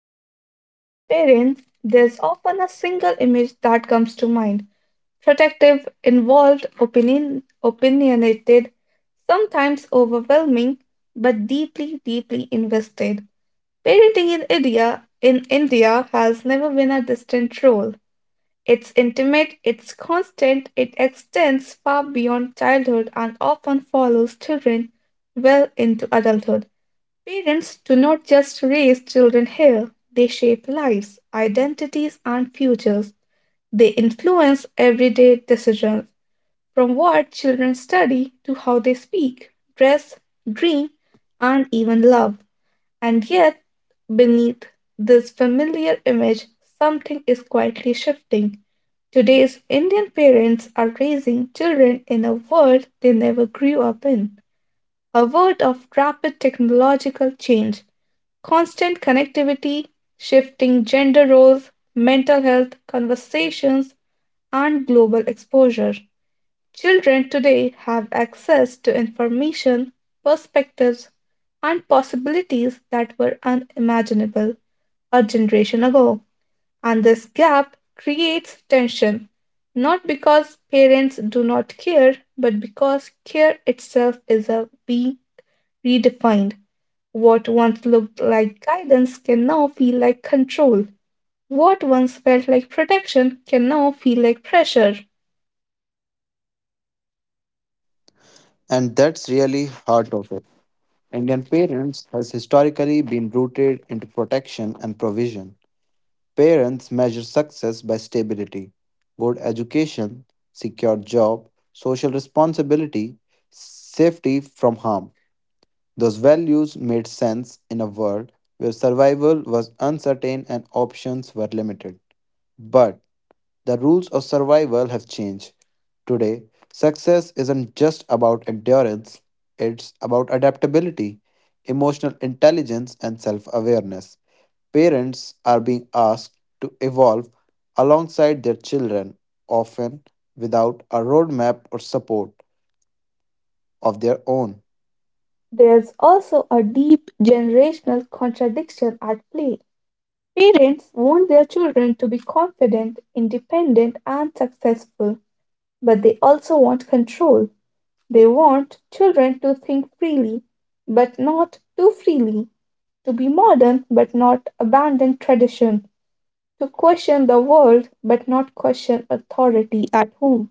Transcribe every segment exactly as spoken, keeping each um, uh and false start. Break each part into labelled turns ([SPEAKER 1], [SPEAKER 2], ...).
[SPEAKER 1] talk about Indian parents, there's often a single image that comes to mind: protective, involved, opinion, opinionated, sometimes overwhelming, but deeply, deeply invested. Parenting in India, in India has never been a distant role. It's intimate, it's constant, it extends far beyond childhood and often follows children well into adulthood. Parents do not just raise children here, they shape lives, identities, and futures. They influence everyday decisions, from what children study to how they speak, dress, dream, and even love. And yet, beneath this familiar image, something is quietly shifting. Today's Indian parents are raising children in a world they never grew up in, a world of rapid technological change, constant connectivity, shifting gender roles, mental health conversations, and global exposure. Children today have access to information, perspectives, and possibilities that were unimaginable a generation ago. And this gap creates tension, not because parents do not care, but because care itself is a being redefined. What once looked like guidance can now feel like control. What once felt like protection can now feel like pressure.
[SPEAKER 2] And that's really heart of it. Indian parents has historically been rooted into protection and provision. Parents measure success by stability, good education, secure job, social responsibility, safety from harm. Those values made sense in a world where survival was uncertain and options were limited. But the rules of survival have changed. Today, success isn't just about endurance, it's about adaptability, emotional intelligence, and self awareness. Parents are being asked to evolve alongside their children, often without a roadmap or support of their own.
[SPEAKER 1] There's also a deep generational contradiction at play. Parents want their children to be confident, independent, and successful, but they also want control. They want children to think freely, but not too freely, to be modern, but not abandon tradition, to question the world but not question authority at home.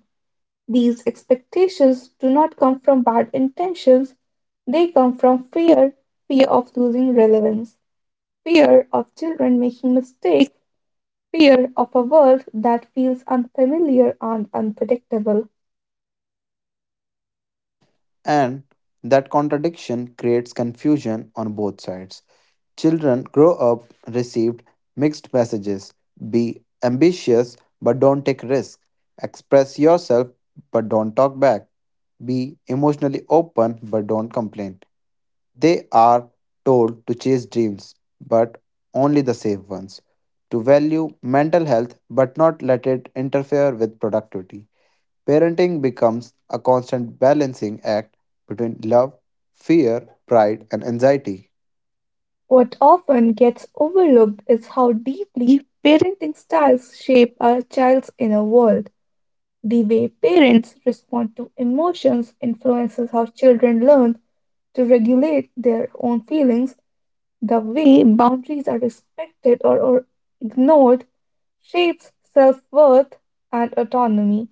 [SPEAKER 1] These expectations do not come from bad intentions, they come from fear, fear of losing relevance, fear of children making mistakes, fear of a world that feels unfamiliar and unpredictable.
[SPEAKER 2] And that contradiction creates confusion on both sides. Children grow up received mixed messages, be ambitious but don't take risks, express yourself but don't talk back, be emotionally open but don't complain. They are told to chase dreams but only the safe ones, to value mental health but not let it interfere with productivity. Parenting becomes a constant balancing act between love, fear, pride, and anxiety.
[SPEAKER 1] What often gets overlooked is how deeply parenting styles shape a child's inner world. The way parents respond to emotions influences how children learn to regulate their own feelings, the way boundaries are respected or, or ignored shapes self worth and autonomy.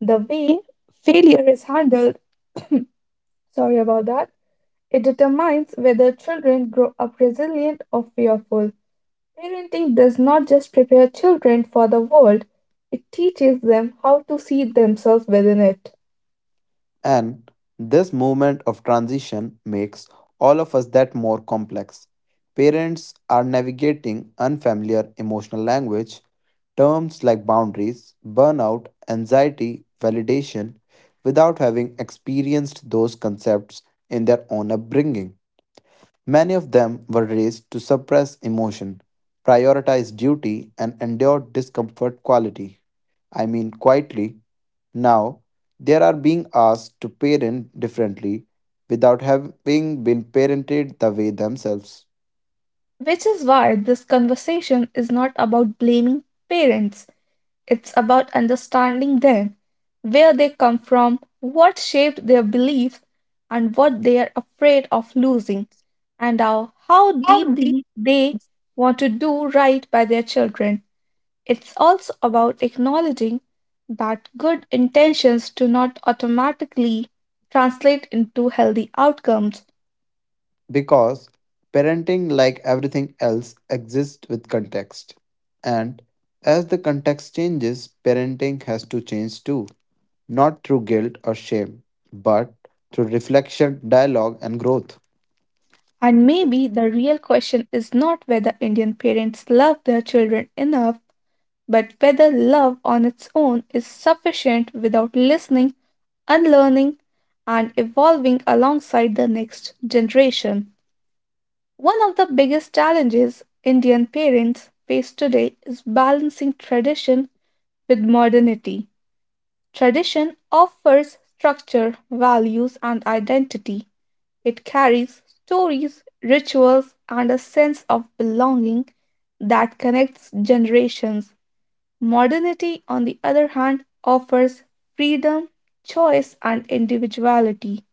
[SPEAKER 1] The way failure is handled, sorry about that, it determines whether children grow up resilient or fearful. Parenting does not just prepare children for the world, it teaches them how to see themselves within it.
[SPEAKER 2] And this moment of transition makes all of us that more complex. Parents are navigating unfamiliar emotional language, terms like boundaries, burnout, anxiety, validation, without having experienced those concepts in their own upbringing. Many of them were raised to suppress emotion, prioritize duty, and endure discomfort quality. I mean, quietly. Now, they are being asked to parent differently without having been parented the way themselves.
[SPEAKER 1] Which is why this conversation is not about blaming parents. It's about understanding them, where they come from, what shaped their beliefs, and what they are afraid of losing, and how, how deeply they want to do right by their children. It's also about acknowledging that good intentions do not automatically translate into healthy outcomes.
[SPEAKER 2] Because parenting, like everything else, exists with context. And as the context changes, parenting has to change too, not through guilt or shame, but through reflection, dialogue, and growth.
[SPEAKER 1] And maybe the real question is not whether Indian parents love their children enough, but whether love on its own is sufficient without listening, unlearning, and evolving alongside the next generation. One of the biggest challenges Indian parents face today is balancing tradition with modernity. Tradition offers structure, values, and identity. It carries stories, rituals, and a sense of belonging that connects generations. Modernity, on the other hand, offers freedom, choice, and individuality.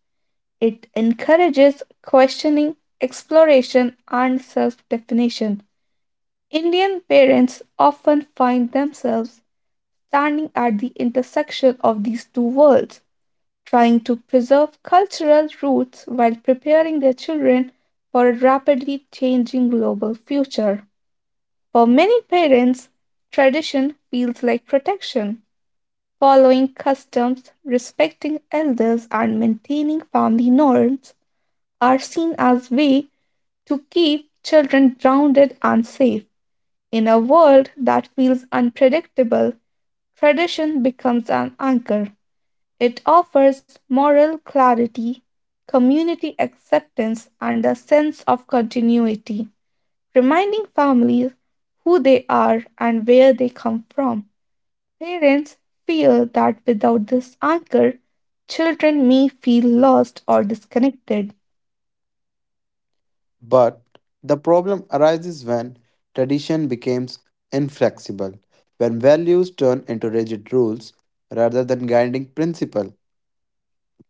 [SPEAKER 1] It encourages questioning, exploration, and self definition. Indian parents often find themselves standing at the intersection of these two worlds, trying to preserve cultural roots while preparing their children for a rapidly changing global future. For many parents, tradition feels like protection. Following customs, respecting elders, and maintaining family norms are seen as way to keep children grounded and safe. In a world that feels unpredictable, tradition becomes an anchor. It offers moral clarity, community acceptance, and a sense of continuity, reminding families who they are and where they come from. Parents fear that without this anchor, children may feel lost or disconnected.
[SPEAKER 2] But the problem arises when tradition becomes inflexible, when values turn into rigid rules rather than guiding principle.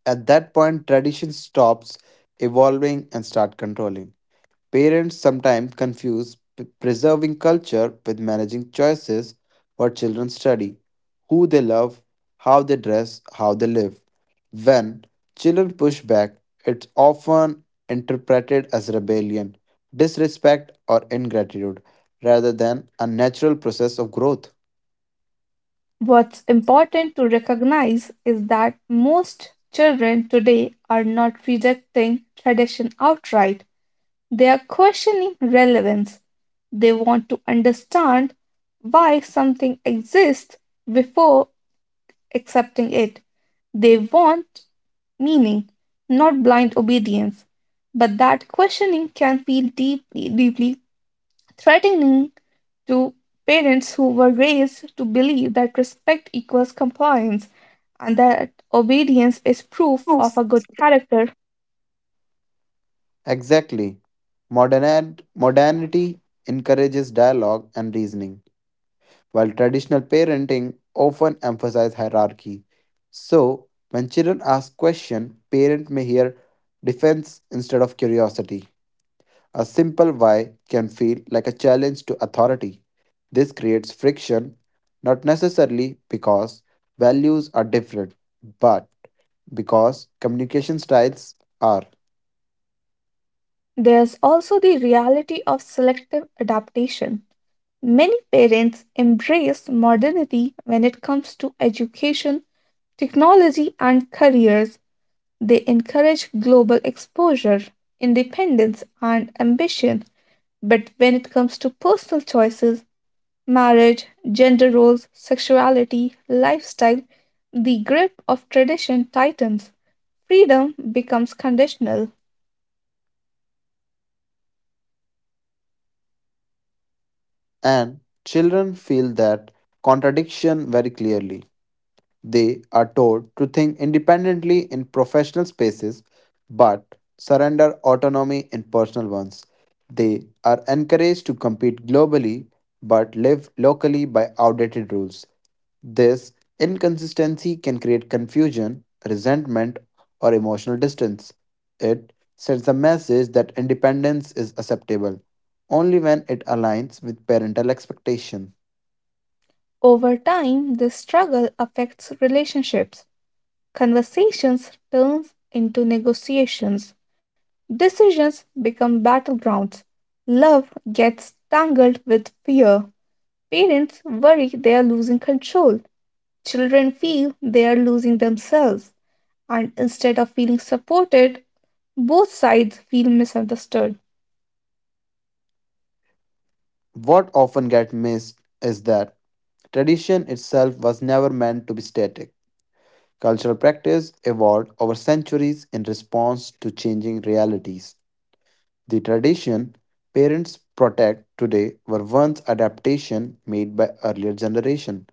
[SPEAKER 2] At that point, tradition stops evolving and start controlling. Parents sometimes confuse p- preserving culture with managing choices, what children study, who they love, how they dress, how they live. When children push back, it's often interpreted as rebellion, disrespect, or ingratitude rather than a natural process of growth.
[SPEAKER 1] What's important to recognize is that most children today are not rejecting tradition outright, they are questioning relevance. They want to understand why something exists before accepting it. They want meaning, not blind obedience. But that questioning can feel deeply, deeply threatening to parents who were raised to believe that respect equals compliance and that obedience is proof of a good character.
[SPEAKER 2] Exactly. Modern modernity encourages dialogue and reasoning, while traditional parenting often emphasizes hierarchy. So, when children ask questions, parents may hear defense instead of curiosity. A simple why can feel like a challenge to authority. This creates friction, not necessarily because values are different, but because communication styles are.
[SPEAKER 1] There's also the reality of selective adaptation. Many parents embrace modernity when it comes to education, technology, and careers. They encourage global exposure, independence, and ambition. But when it comes to personal choices, marriage, gender roles, sexuality, lifestyle, the grip of tradition tightens. Freedom becomes conditional.
[SPEAKER 2] And children feel that contradiction very clearly. They are told to think independently in professional spaces but surrender autonomy in personal ones. They are encouraged to compete globally but live locally by outdated rules. This inconsistency can create confusion, resentment, or emotional distance. It sends a message that independence is acceptable only when it aligns with parental expectation.
[SPEAKER 1] Over time, this struggle affects relationships. Conversations turns into negotiations. Decisions become battlegrounds. Love gets tangled with fear. Parents worry they are losing control. Children feel they are losing themselves. And instead of feeling supported, both sides feel misunderstood.
[SPEAKER 2] What often gets missed is that tradition itself was never meant to be static. Cultural practice evolved over centuries in response to changing realities. The tradition parents protect today were once adaptation made by earlier generation.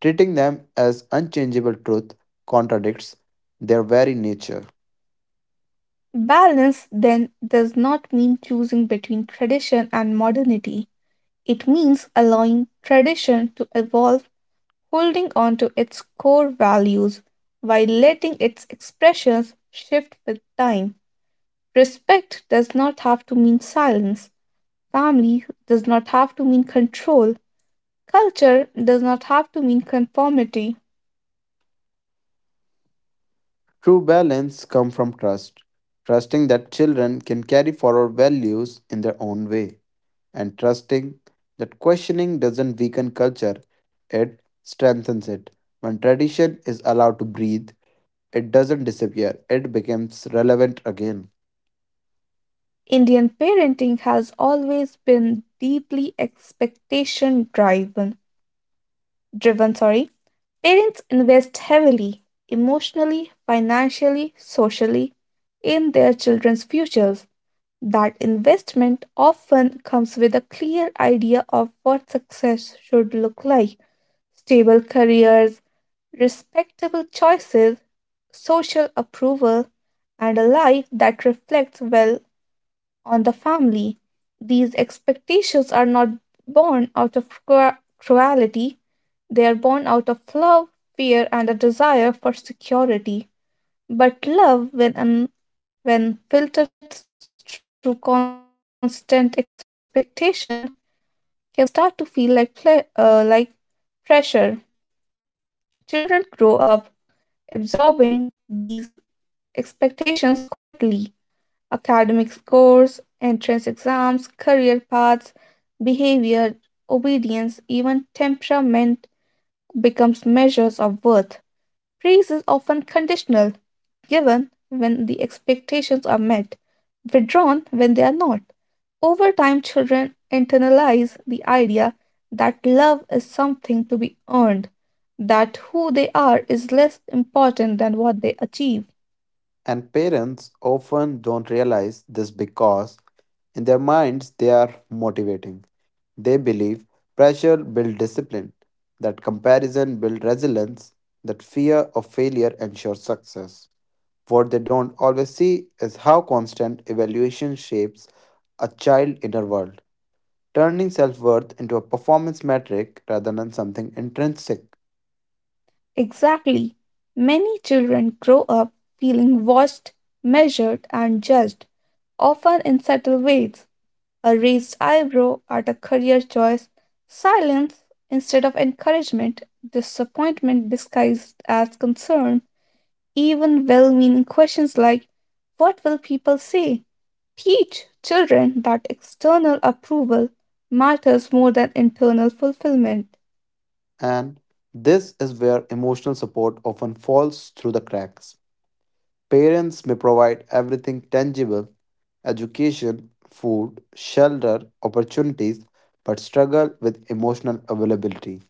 [SPEAKER 2] Treating them as unchangeable truth contradicts their very nature.
[SPEAKER 1] Balance then does not mean choosing between tradition and modernity. It means allowing tradition to evolve, holding on to its core values while letting its expressions shift with time. Respect does not have to mean silence. Family does not have to mean control. Culture does not have to mean conformity.
[SPEAKER 2] True balance comes from trust, trusting that children can carry forward values in their own way, and trusting that questioning doesn't weaken culture, it strengthens it. When tradition is allowed to breathe, it doesn't disappear, it becomes relevant again.
[SPEAKER 1] Indian parenting has always been deeply expectation driven. Driven, sorry. Parents invest heavily, emotionally, financially, socially, in their children's futures. That investment often comes with a clear idea of what success should look like: stable careers, respectable choices, social approval, and a life that reflects well on the family. These expectations are not born out of cru- cruelty, they are born out of love, fear, and a desire for security. But love, when, un- when filtered through constant expectation, can start to feel like, ple- uh, like pressure. Children grow up absorbing these expectations quietly. Academic scores, entrance exams, career paths, behavior, obedience, even temperament becomes measures of worth. Praise is often conditional, given when the expectations are met, withdrawn when they are not. Over time, children internalize the idea that love is something to be earned, that who they are is less important than what they achieve.
[SPEAKER 2] And parents often don't realize this because, in their minds, they are motivating. They believe pressure builds discipline, that comparison builds resilience, that fear of failure ensures success. What they don't always see is how constant evaluation shapes a child's inner world, turning self worth into a performance metric rather than something intrinsic.
[SPEAKER 1] Exactly. Many children grow up feeling watched, measured, and judged, often in subtle ways: a raised eyebrow at a career choice, silence instead of encouragement, disappointment disguised as concern, even well meaning questions like, "What will people say?" Teach children that external approval matters more than internal fulfillment.
[SPEAKER 2] And this is where emotional support often falls through the cracks. Parents may provide everything tangible, education, food, shelter, opportunities, but struggle with emotional availability.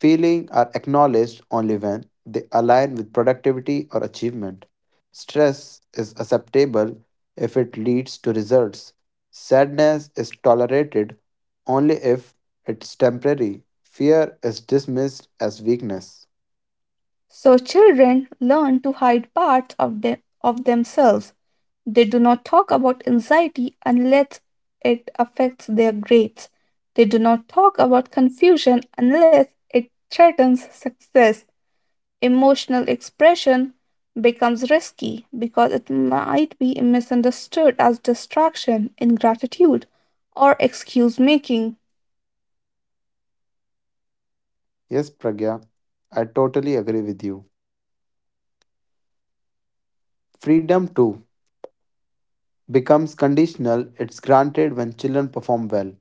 [SPEAKER 2] Feelings are acknowledged only when they align with productivity or achievement. Stress is acceptable if it leads to results. Sadness is tolerated only if it's temporary. Fear is dismissed as weakness.
[SPEAKER 1] So children learn to hide parts of, them, of themselves. They do not talk about anxiety unless it affects their grades. They do not talk about confusion unless it threatens success. Emotional expression becomes risky because it might be misunderstood as distraction, ingratitude, or excuse making.
[SPEAKER 2] Yes, Pragya, I totally agree with you. Freedom too becomes conditional, it's granted when children perform well,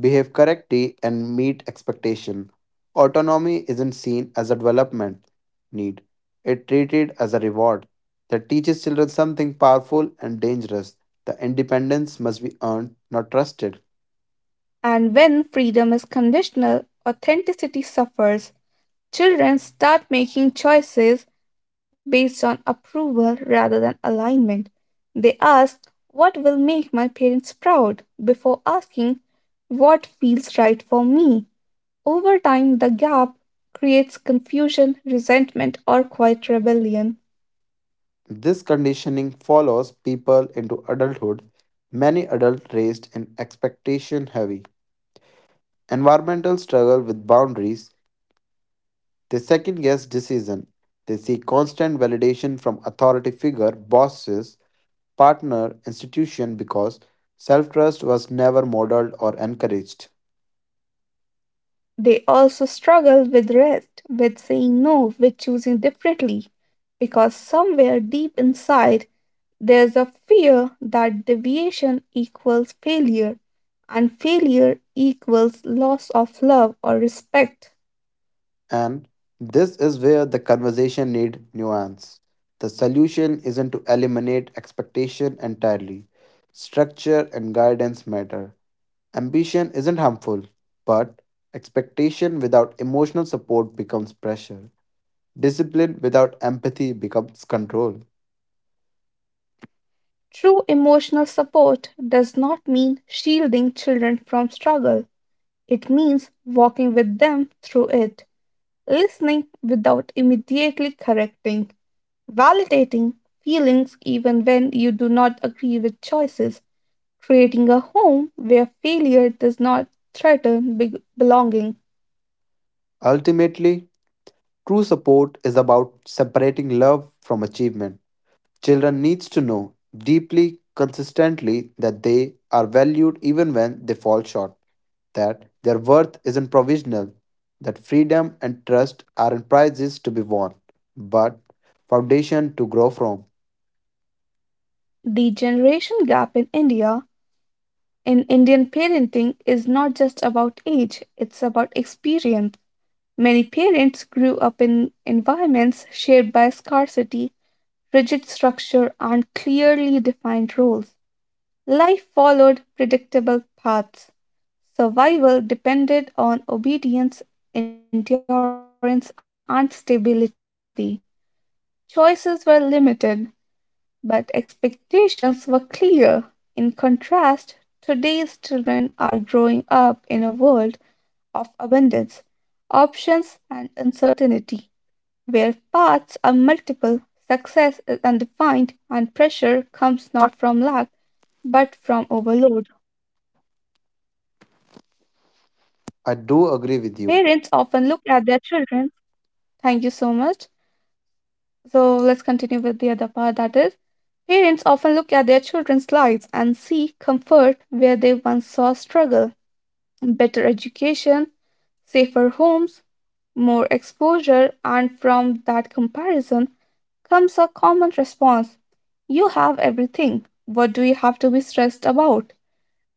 [SPEAKER 2] behave correctly, and meet expectation. Autonomy isn't seen as a development need. It treated as a reward that teaches children something powerful and dangerous. The independence must be earned, not trusted.
[SPEAKER 1] And when freedom is conditional, authenticity suffers. Children start making choices based on approval rather than alignment. They ask, "What will make my parents proud?" before asking, "What feels right for me?" Over time, the gap creates confusion, resentment, or quiet rebellion.
[SPEAKER 2] This conditioning follows people into adulthood. Many adults raised in expectation heavy environmental struggle with boundaries. They second guess decision. They seek constant validation from authority figure, bosses, partner, institution because self-trust was never modeled or encouraged.
[SPEAKER 1] They also struggle with rest, with saying no, with choosing differently, because somewhere deep inside, there's a fear that deviation equals failure, and failure equals loss of love or respect.
[SPEAKER 2] And this is where the conversation need nuance. The solution isn't to eliminate expectation entirely. Structure and guidance matter. Ambition isn't harmful, but expectation without emotional support becomes pressure. Discipline without empathy becomes control.
[SPEAKER 1] True emotional support does not mean shielding children from struggle, it means walking with them through it, listening without immediately correcting, validating feelings even when you do not agree with choices, creating a home where failure does not threaten be- belonging.
[SPEAKER 2] Ultimately, true support is about separating love from achievement. Children needs to know deeply consistently that they are valued even when they fall short, that their worth isn't provisional, that freedom and trust aren't prizes to be won, but foundation to grow from.
[SPEAKER 1] The generation gap in India in Indian parenting is not just about age, it's about experience. Many parents grew up in environments shaped by scarcity, rigid structure, and clearly defined roles. Life followed predictable paths. Survival depended on obedience, endurance, and stability. Choices were limited, but expectations were clear. In contrast, today's children are growing up in a world of abundance, options, and uncertainty, where paths are multiple, success is undefined, and pressure comes not from lack but from overload.
[SPEAKER 2] I
[SPEAKER 1] Parents
[SPEAKER 2] do agree
[SPEAKER 1] often
[SPEAKER 2] with
[SPEAKER 1] look
[SPEAKER 2] you,
[SPEAKER 1] at their children. Thank you so much. So let's continue with the other part, that is, parents often look at their children's lives and see comfort where they once saw struggle. Better education, safer homes, more exposure, and from that comparison comes a common response. You have everything. What do you have to be stressed about?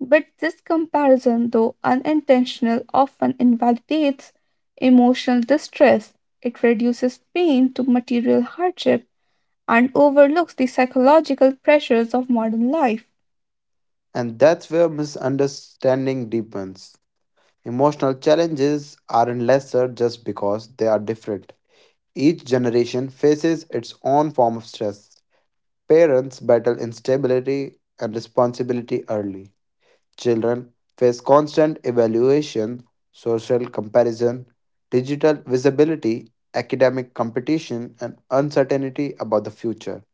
[SPEAKER 1] But this comparison, though unintentional, often invalidates emotional distress. It reduces pain to material hardship and overlooks the psychological pressures of modern life.
[SPEAKER 2] and that's where misunderstanding deepens. Emotional challenges aren't lesser just because they are different. Each generation faces its own form of stress. Parents battle instability and responsibility early. Children face constant evaluation, social comparison, digital visibility, academic competition, and uncertainty about the future.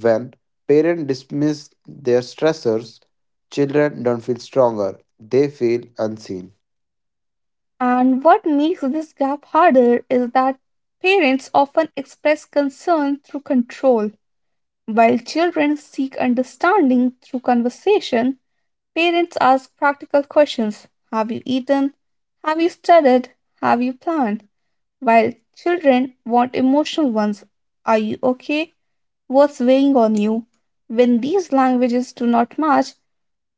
[SPEAKER 2] When parents dismiss their stressors, children don't feel stronger, they feel unseen.
[SPEAKER 1] And what makes this gap harder is that parents often express concern through control. While children seek understanding through conversation, parents ask practical questions: Have you eaten? Have you studied? Have you planned? While children want emotional ones. Are you okay? What's weighing on you? When these languages do not match,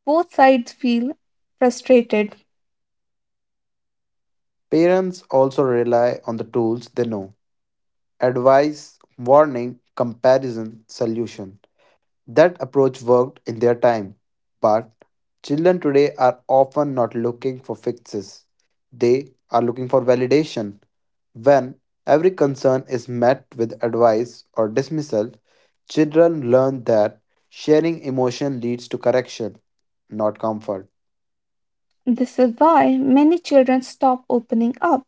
[SPEAKER 1] both sides feel frustrated.
[SPEAKER 2] Parents also rely on the tools they know, advice, warning, comparison, solution. That approach worked in their time. But children today are often not looking for fixes, they are looking for validation. When every concern is met with advice or dismissal, children learn that sharing emotion leads to correction, not comfort.
[SPEAKER 1] This is why many children stop opening up,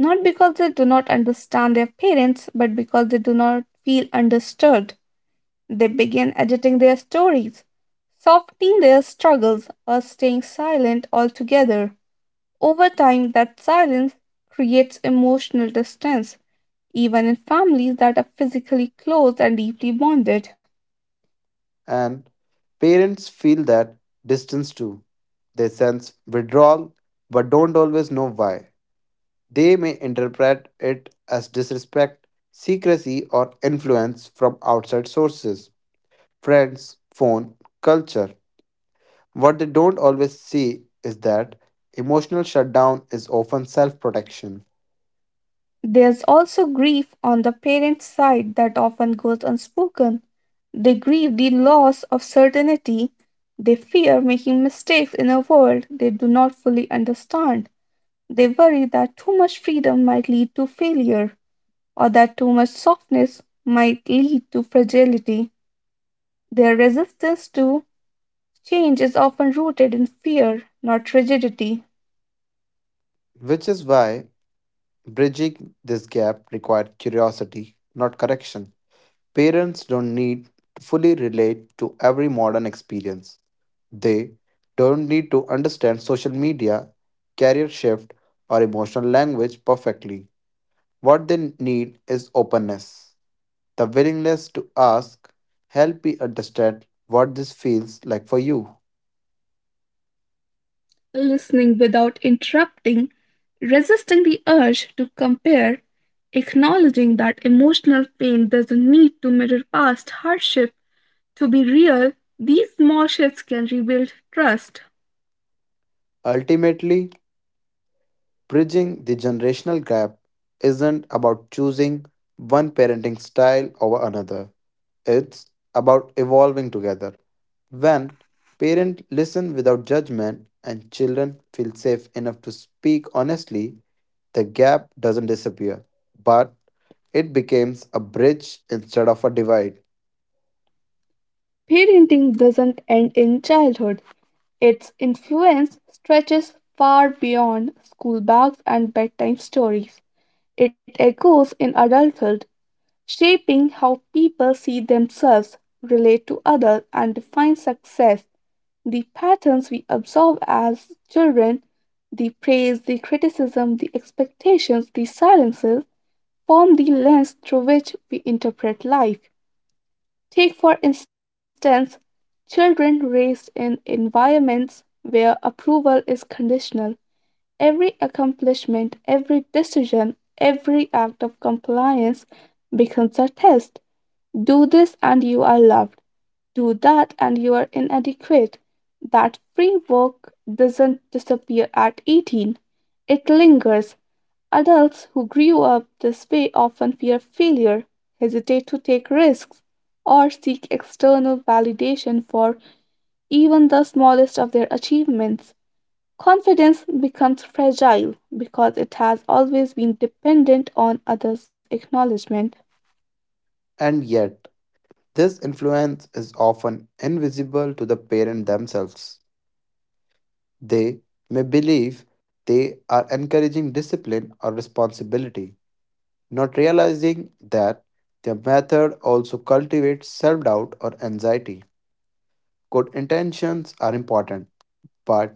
[SPEAKER 1] not because they do not understand their parents, but because they do not feel understood. They begin editing their stories, softening their struggles, or staying silent altogether. Over time, that silence creates emotional distance, even in families that are physically close and deeply bonded.
[SPEAKER 2] And parents feel that distance too. They sense withdrawal but don't always know why. They may interpret it as disrespect, secrecy, or influence from outside sources, friends, phone, culture. What they don't always see is that emotional shutdown is often self protection,
[SPEAKER 1] There's also grief on the parents' side that often goes unspoken. They grieve the loss of certainty. They fear making mistakes in a world they do not fully understand. They worry that too much freedom might lead to failure or that too much softness might lead to fragility. Their resistance to change is often rooted in fear, not rigidity.
[SPEAKER 2] which is why bridging this gap requires curiosity, not correction. Parents don't need to fully relate to every modern experience. They don't need to understand social media, career shift, or emotional language perfectly. What they need is openness, the willingness to ask, help me understand what this feels like for you.
[SPEAKER 1] Listening without interrupting, resisting the urge to compare, acknowledging that emotional pain doesn't need to mirror past hardship to be real, these small shifts can rebuild trust.
[SPEAKER 2] Ultimately, bridging the generational gap isn't about choosing one parenting style over another, it's about evolving together. When parents listen without judgment and children feel safe enough to speak honestly, the gap doesn't disappear, but it becomes a bridge instead of a divide.
[SPEAKER 1] Parenting doesn't end in childhood. Its influence stretches far beyond school bags and bedtime stories. It echoes in adulthood, shaping how people see themselves, relate to others, and define success. The patterns we observe as children, the praise, the criticism, the expectations, the silences, form the lens through which we interpret life. Take, for instance, children raised in environments where approval is conditional. Every accomplishment, every decision, every act of compliance becomes a test. Do this and you are loved. Do that and you are inadequate. That free work doesn't disappear at eighteen. It lingers. Adults who grew up this way often fear failure, hesitate to take risks, or seek external validation for even the smallest of their achievements. Confidence becomes fragile because it has always been dependent on others' acknowledgement.
[SPEAKER 2] And yet, this influence is often invisible to the parent themselves. They may believe they are encouraging discipline or responsibility, not realizing that their method also cultivates self doubt or anxiety. Good intentions are important, but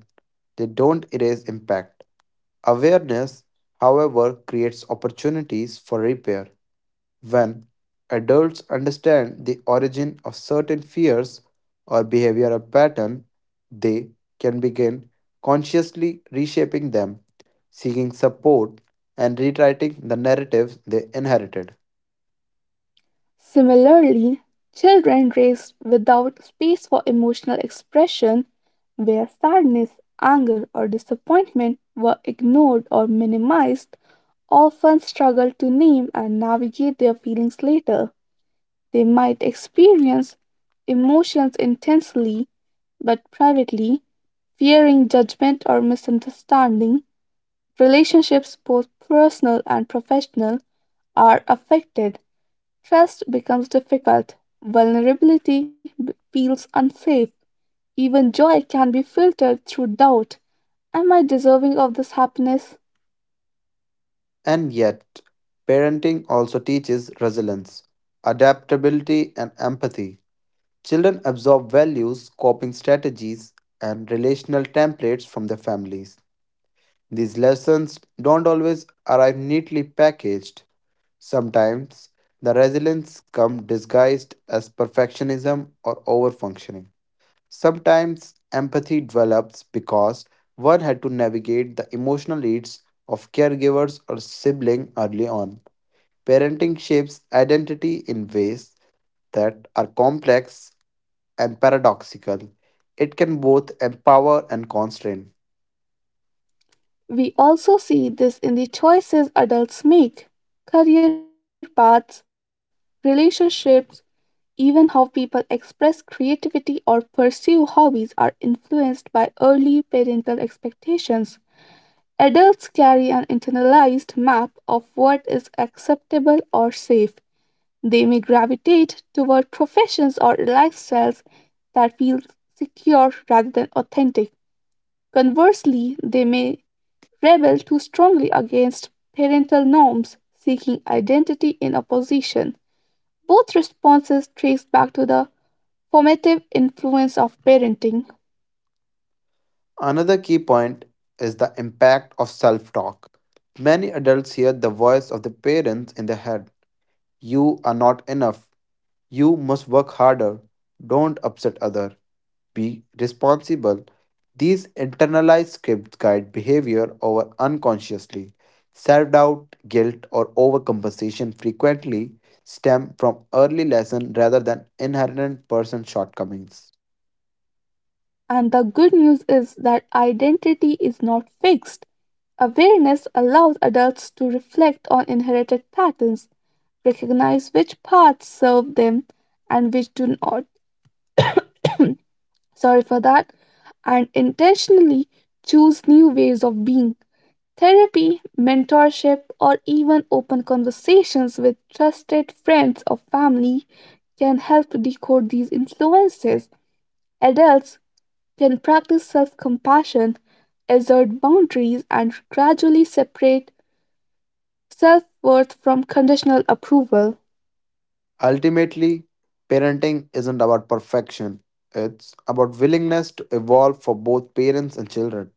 [SPEAKER 2] they don't erase impact. Awareness, however, creates opportunities for repair. When adults understand the origin of certain fears or behavioral pattern, they can begin consciously reshaping them, seeking support and rewriting the narratives they inherited.
[SPEAKER 1] Similarly, children raised without space for emotional expression, where sadness, anger, or disappointment were ignored or minimized, often struggle to name and navigate their feelings later. They might experience emotions intensely but privately, fearing judgment or misunderstanding. Relationships, both personal and professional, are affected. Trust becomes difficult, vulnerability b- feels unsafe, even joy can be filtered through doubt. Am I deserving of this happiness?
[SPEAKER 2] And yet, parenting also teaches resilience, adaptability, and empathy. Children absorb values, coping strategies, and relational templates from their families. These lessons don't always arrive neatly packaged. Sometimes the resilience comes disguised as perfectionism or overfunctioning. Sometimes empathy develops because one had to navigate the emotional needs of caregivers or sibling early on. Parenting shapes identity in ways that are complex and paradoxical. It can both empower and constrain.
[SPEAKER 1] We also see this in the choices adults make, career paths, relationships, even how people express creativity or pursue hobbies are influenced by early parental expectations. Adults carry an internalized map of what is acceptable or safe. They may gravitate toward professions or lifestyles that feel secure rather than authentic. Conversely, they may rebel too strongly against parental norms, seeking identity in opposition. Both responses trace back to the formative influence of parenting.
[SPEAKER 2] Another key point is the impact of self talk. Many adults hear the voice of the parents in their head, you are not enough. You must work harder. Don't upset other. Be responsible. These internalized scripts guide behavior over unconsciously. Self doubt, guilt, or overcompensation frequently stem from early lessons rather than inherent person shortcomings.
[SPEAKER 1] And the good news is that identity is not fixed. Awareness allows adults to reflect on inherited patterns, recognize which paths serve them and which do not. Sorry for that. And intentionally choose new ways of being. Therapy, mentorship, or even open conversations with trusted friends or family can help decode these influences. Adults can practice self compassion, assert boundaries, and gradually separate self worth from conditional approval.
[SPEAKER 2] Ultimately, parenting isn't about perfection, it's about willingness to evolve for both parents and children.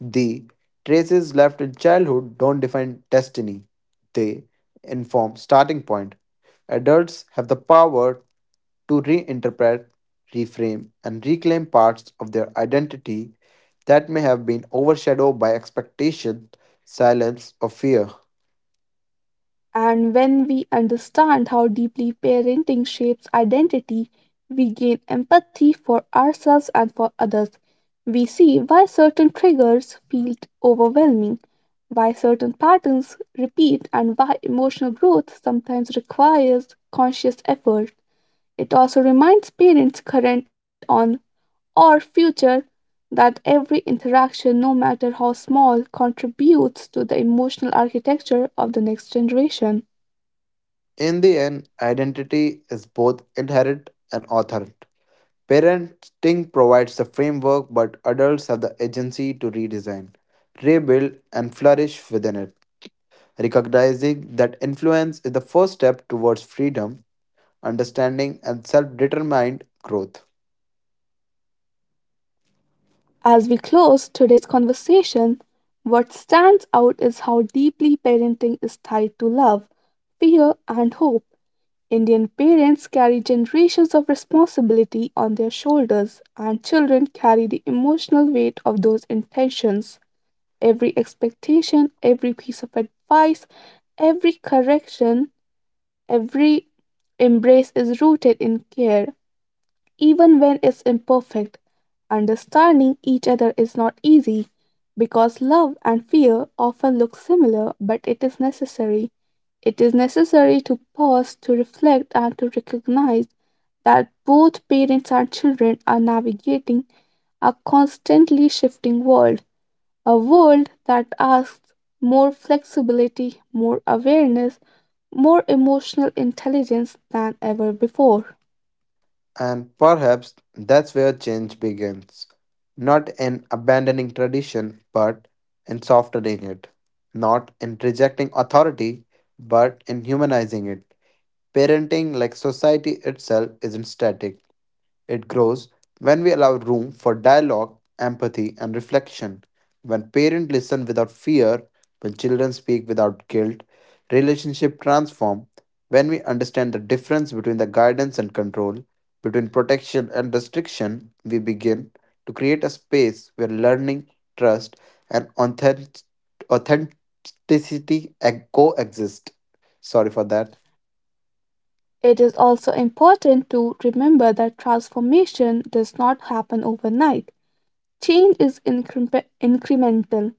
[SPEAKER 2] The traces left in childhood don't define destiny, they inform starting point. Adults have the power to reinterpret, reframe, and reclaim parts of their identity that may have been overshadowed by expectation, silence, or fear.
[SPEAKER 1] And when we understand how deeply parenting shapes identity, we gain empathy for ourselves and for others. We see why certain triggers feel overwhelming, why certain patterns repeat, and why emotional growth sometimes requires conscious effort. It also reminds parents, current on or future, that every interaction, no matter how small, contributes to the emotional architecture of the next generation.
[SPEAKER 2] In the end, identity is both inherent and authored. Parenting provides the framework, but adults have the agency to redesign, rebuild, and flourish within it. Recognizing that influence is the first step towards freedom, understanding, and self determined growth.
[SPEAKER 1] As we close today's conversation, what stands out is how deeply parenting is tied to love, fear, and hope. Indian parents carry generations of responsibility on their shoulders, and children carry the emotional weight of those intentions. Every expectation, every piece of advice, every correction, every embrace is rooted in care, even when it's imperfect. Understanding each other is not easy because love and fear often look similar, but it is necessary. It is necessary to pause, to reflect, and to recognize that both parents and children are navigating a constantly shifting world, a world that asks more flexibility, more awareness, more emotional intelligence than ever before.
[SPEAKER 2] And perhaps that's where change begins. Not in abandoning tradition, but in softening it. Not in rejecting authority, but in humanizing it. Parenting, like society itself, isn't static. It grows when we allow room for dialogue, empathy, and reflection. When parents listen without fear, when children speak without guilt, relationship transform. When we understand the difference between the guidance and control, between protection and restriction, we begin to create a space where learning, trust, and authentic- authenticity e- coexist. Sorry for that.
[SPEAKER 1] It is also important to remember that transformation does not happen overnight. Change is incre- incremental,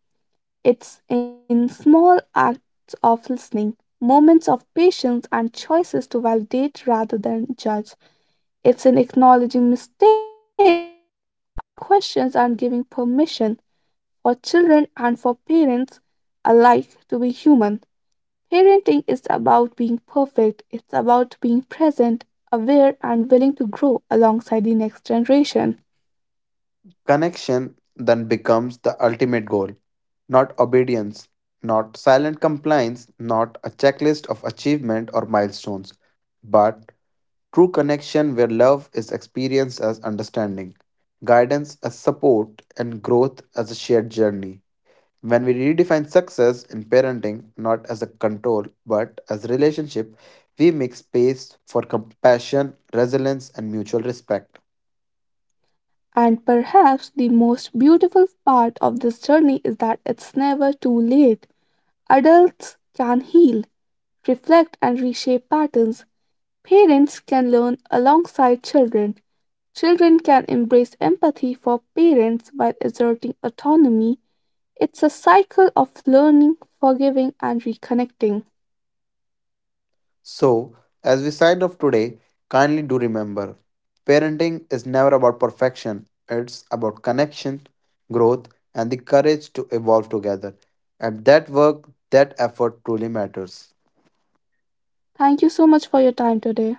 [SPEAKER 1] it's in small acts of listening, moments of patience, and choices to validate rather than judge. It's in acknowledging mistakes, asking questions, and giving permission for children and for parents alike to be human. Parenting is about being perfect, it's about being present, aware, and willing to grow alongside the next generation.
[SPEAKER 2] Connection then becomes the ultimate goal, not obedience, not silent compliance, not a checklist of achievement or milestones, but true connection where love is experienced as understanding, guidance as support, and growth as a shared journey. When we redefine success in parenting not as a control but as relationship, we make space for compassion, resilience, and mutual respect.
[SPEAKER 1] And perhaps the most beautiful part of this journey is that it's never too late. Adults can heal, reflect, and reshape patterns. Parents can learn alongside children. Children can embrace empathy for parents while exerting autonomy. It's a cycle of learning, forgiving, and reconnecting.
[SPEAKER 2] So, as we sign off today, kindly do remember parenting is never about perfection, it's about connection, growth, and the courage to evolve together. And that work, that effort truly matters.
[SPEAKER 1] Thank you so much for your time today.